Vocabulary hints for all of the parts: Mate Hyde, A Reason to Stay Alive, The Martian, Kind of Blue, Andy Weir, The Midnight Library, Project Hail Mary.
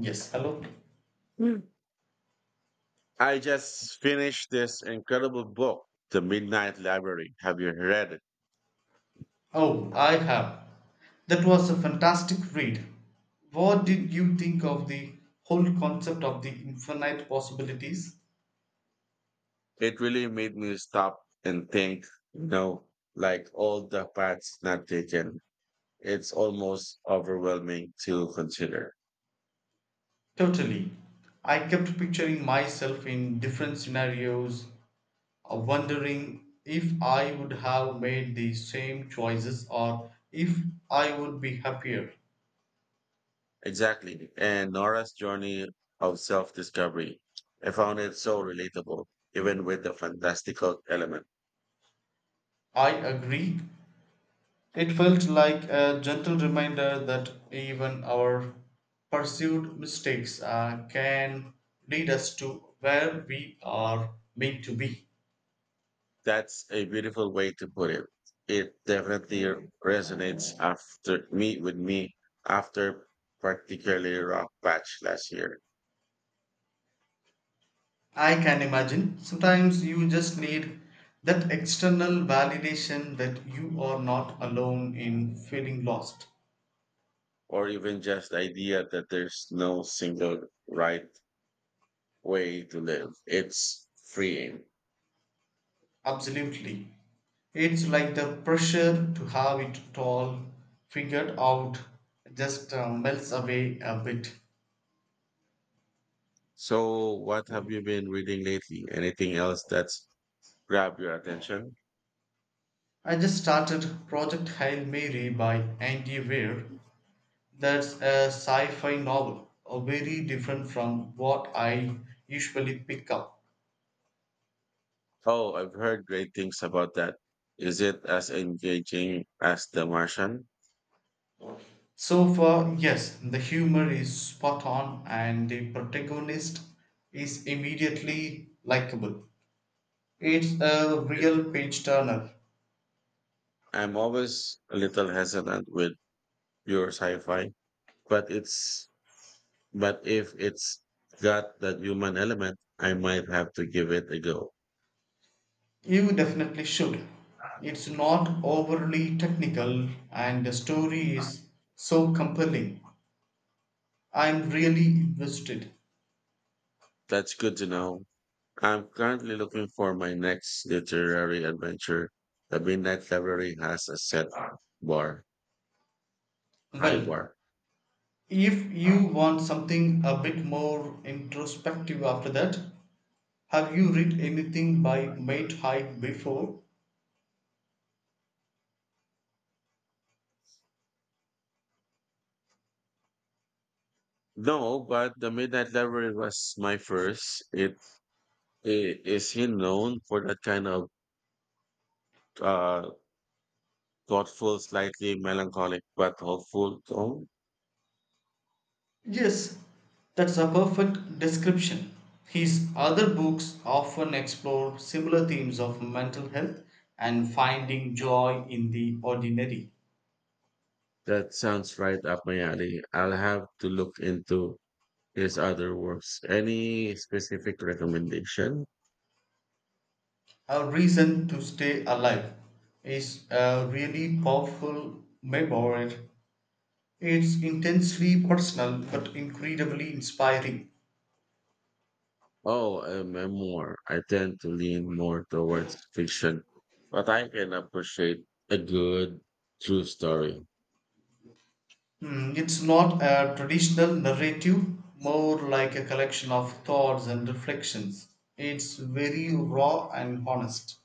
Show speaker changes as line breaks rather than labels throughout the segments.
Yes, hello.
Mm. I just finished this incredible book, The Midnight Library. Have you read it?
Oh, I have. That was a fantastic read. What did you think of the whole concept of the infinite possibilities?
It really made me stop and think, you know, like all the paths not taken. It's almost overwhelming to consider.
Totally. I kept picturing myself in different scenarios, wondering if I would have made the same choices or if I would be happier.
Exactly. And Nora's journey of self discovery. I found it so relatable, even with the fantastical element.
I agree, it felt like a gentle reminder that even our pursued mistakes can lead us to where we are meant to be.
That's a beautiful way to put it. It definitely resonates after me with me after particularly rough patch last year,
I can imagine sometimes you just need that external validation that you are not alone in feeling lost.
or even just the idea that there's no single right way to live. It's freeing.
Absolutely. It's like the pressure to have it all figured out just melts away a bit.
So, what have you been reading lately? Anything else that's grabbed your attention?
I just started Project Hail Mary by Andy Weir. That's a sci fi novel, very different from what I usually pick up.
Oh, I've heard great things about that. Is it as engaging as The Martian?
So far, yes, the humor is spot on and the protagonist is immediately likable. It's a
It's
real page turner.
I'm always a little hesitant with pure sci-fi, but it's but if it's got that human element, I might have to give it a go.
You definitely should. It's not overly technical and the story is so compelling. I'm really invested.
That's good to know. I'm currently looking for my next literary adventure. The Midnight Library has a bar, high
Well,
bar.
if you want something a bit more introspective after that, have you read anything by Mate Hyde before?
No, but the Midnight Library was my first. It is he known for that kind of uh, thoughtful, slightly melancholic but hopeful tone?
Yes, that's a perfect description. His other books often explore similar themes of mental health and finding joy in the ordinary.
That sounds right up my alley. I'll have to look into his other works. Any specific recommendation?
A Reason to Stay Alive is a really powerful memoir. It's intensely personal but incredibly inspiring.
Oh, a memoir. I tend to lean more towards fiction, but I can appreciate a good true story.
Mm, it's not a traditional narrative, more like a collection of thoughts and reflections. It's very raw and honest.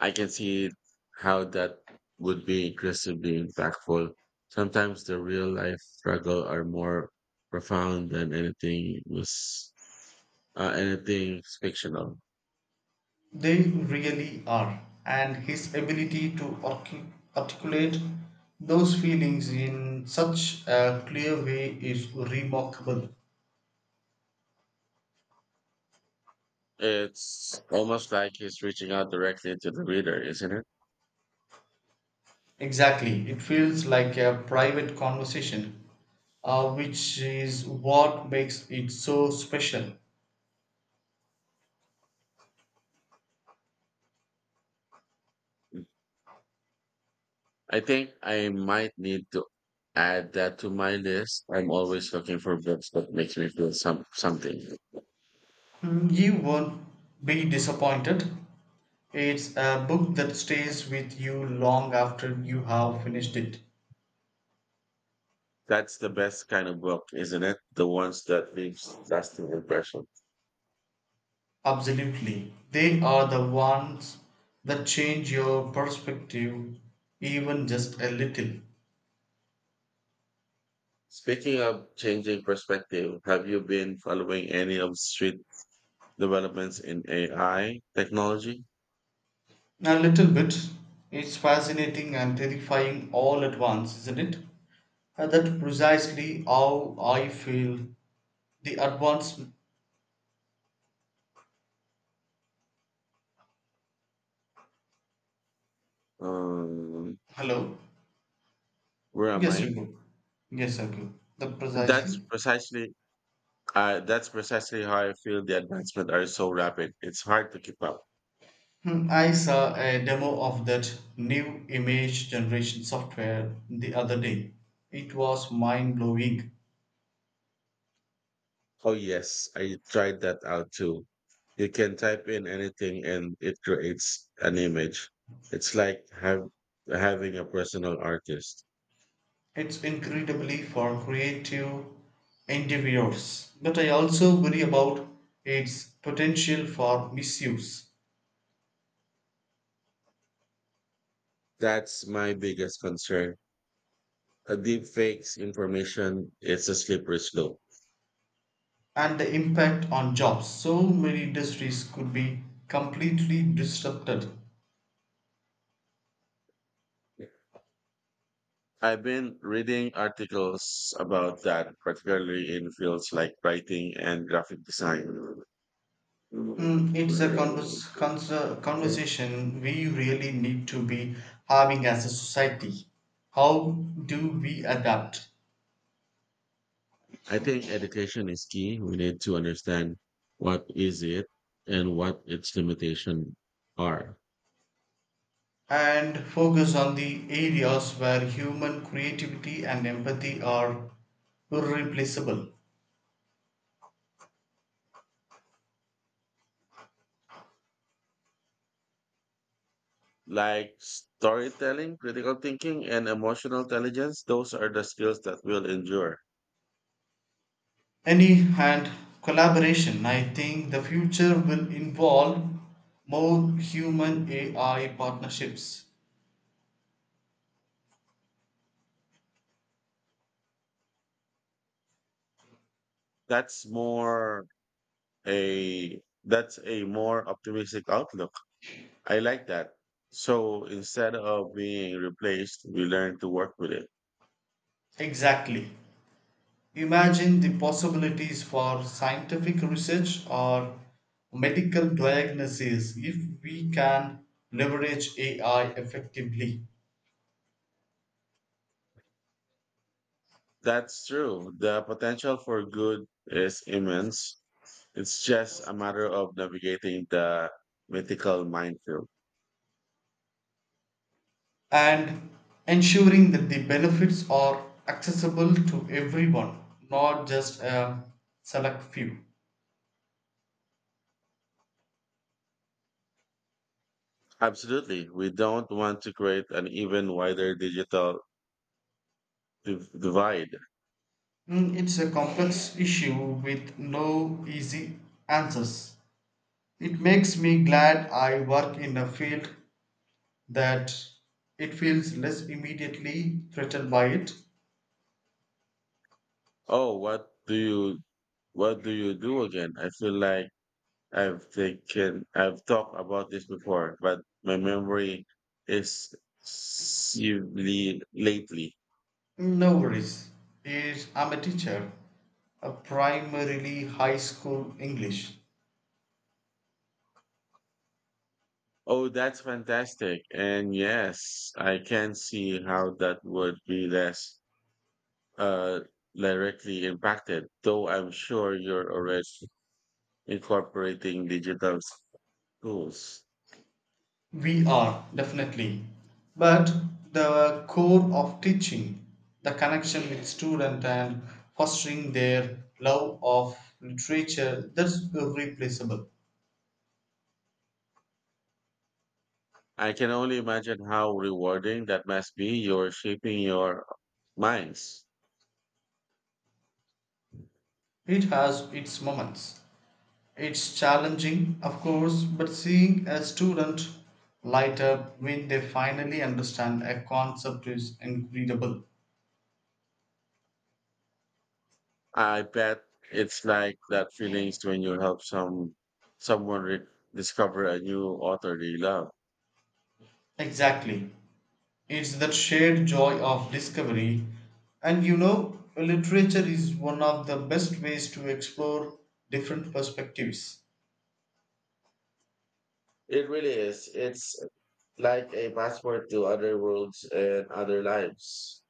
I can see how that would be incredibly impactful. Sometimes the real life struggle are more profound than anything fictional.
They really are. And his ability to articulate those feelings in such a clear way is remarkable.
It's almost like he's reaching out directly to the reader, isn't it?
Exactly. It feels like a private conversation, which is what makes it so special.
I think I might need to add that to my list. I'm always looking for books that makes me feel something.
Mm, you won't be disappointed. It's a book that stays with you long after you have finished it.
That's the best kind of book, isn't it? The ones that leaves lasting impression.
Absolutely. They are the ones that change your perspective, even just a little.
Speaking of changing perspective, have you been following any of street developments in AI technology?
A little bit. It's fascinating and terrifying all at once, isn't it? That's precisely how I feel. The advance.
Um,
Hello?
where am
Yes,
I?
you go. Yes, I go. That
That's
precisely.
precisely that's precisely how I feel the advancements are so rapid. It's hard to keep up.
Hmm, I saw a demo of that new image generation software the other day. It was mind blowing.
Oh, yes, I tried that out too. You can type in anything and it creates an image. It's like having a personal artist.
It's incredibly for creative endeavors, but I also worry about its potential for misuse
That's my biggest concern. A deep fakes information, it's a slippery slope.
and the impact on jobs. So many industries could be completely disrupted.
I've been reading articles about that, particularly in fields like writing and graphic design.
It's a conversation we really need to be having as a society. How do we adapt
I think education is key. We need to understand what is it and what its limitations are.
and focus on the areas where human creativity and empathy are irreplaceable?
Like storytelling, critical thinking, and emotional intelligence, those are the skills that will endure.
Any hand collaboration, I think the future will involve more human AI partnerships.
That's more that's a more optimistic outlook. I like that. So instead of being replaced, we learn to work with it.
Exactly. Imagine the possibilities for scientific research or medical diagnosis if we can leverage AI effectively
That's true. The potential for good is immense. It's just a matter of navigating the mythical minefield.
and ensuring that the benefits are accessible to everyone, not just a select few.
Absolutely. We don't want to create an even wider divide.
Mm, it's a complex issue with no easy answers. It makes me glad I work in a field that it feels less immediately threatened by it.
Oh, what do you do again? I feel like I've talked about this before, but my memory is severely lately.
No worries. Is I'm a teacher, a primarily high school English.
Oh, that's fantastic. And yes, I can see how that would be less uh, directly impacted, though I'm sure you're already incorporating digital tools.
We are definitely, but the core of teaching, the connection with student and fostering their love of literature, that's irreplaceable.
I can only imagine how rewarding that must be. You're shaping your minds.
It has its moments. It's challenging, of course, but seeing a student light up when they finally understand a concept is incredible.
I bet it's like that feelings when you help someone discover a new author they love.
Exactly. It's that shared joy of discovery. And you know, literature is one of the best ways to explore different perspectives.
It really is. It's like a passport to other worlds and other lives.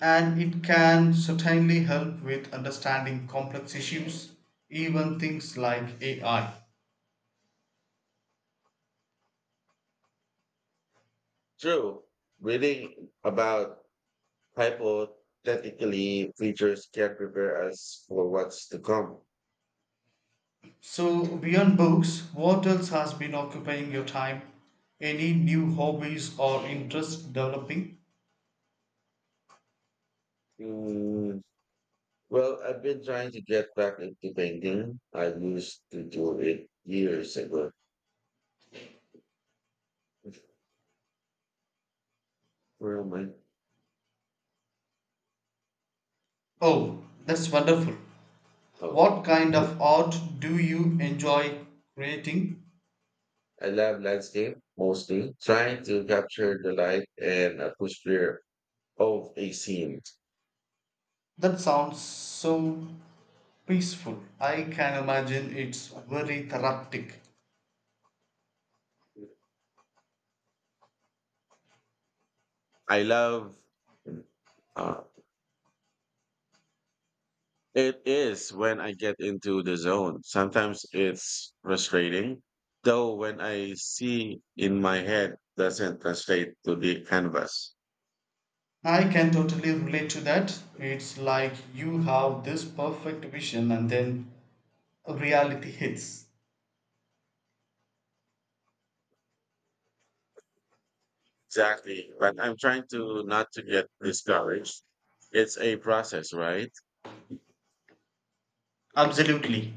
And it can certainly help with understanding complex issues, even things like AI.
True. Reading about hypothetically preachers can prepare us for what's to come.
So, beyond books, what else has been occupying your time? Any new hobbies or interests developing?
Mm, well, I've been trying to get back into painting. I used to do it years ago. Where am I?
Oh, that's wonderful.
Oh,
What kind of art do you enjoy creating?
I love landscape mostly, trying to capture the light and atmosphere of a scene.
That sounds so peaceful. I can imagine it's very therapeutic.
I love uh, It is when I get into the zone. Sometimes it's frustrating, though when I see in my head doesn't translate to the canvas.
I can totally relate to that. It's like you have this perfect vision and then reality hits.
Exactly. But I'm trying to not to get discouraged. It's a process, right?
Absolutely.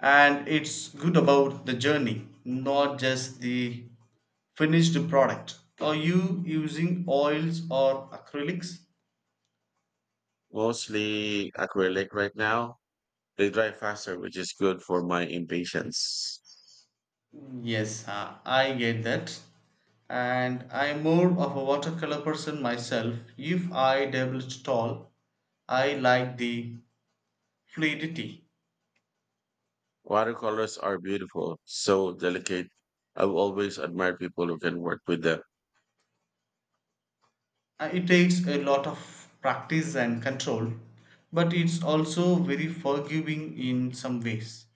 And it's good about the journey not just the finished product. Are you using oils or acrylics?
Mostly acrylic right now. They dry faster, which is good for my impatience.
Yes, I get that. And I'm more of a watercolor person myself. If I developed at all, I like the fluidity.
Watercolors are beautiful, so delicate. I've always admired people who can work with them.
It takes a lot of practice and control, but it's also very forgiving in some ways.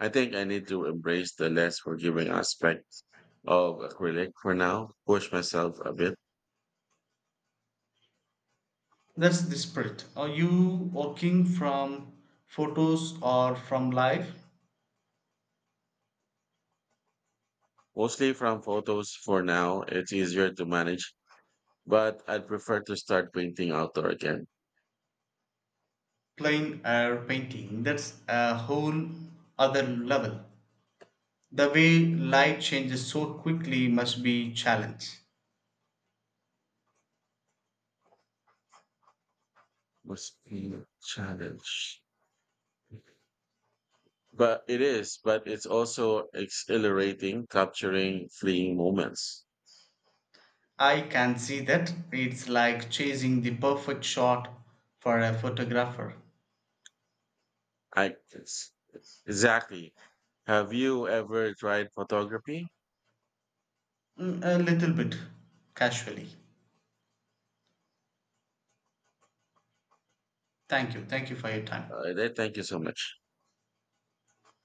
I think I need to embrace the less forgiving aspect of acrylic for now, push myself a bit.
That's the spirit. Are you working from photos or from live?
Mostly from photos for now, it's easier to manage, but I'd prefer to start painting outdoor again.
Plain air painting. That's a whole other level. The way light changes so quickly must be challenge.
Must be a challenge. But it's also exhilarating, capturing fleeting moments.
I can see that. It's like chasing the perfect shot for a photographer.
I it's- exactly. Have you ever tried photography?
Mm, a little bit casually. Thank you. Thank you for your time.
Thank you so much.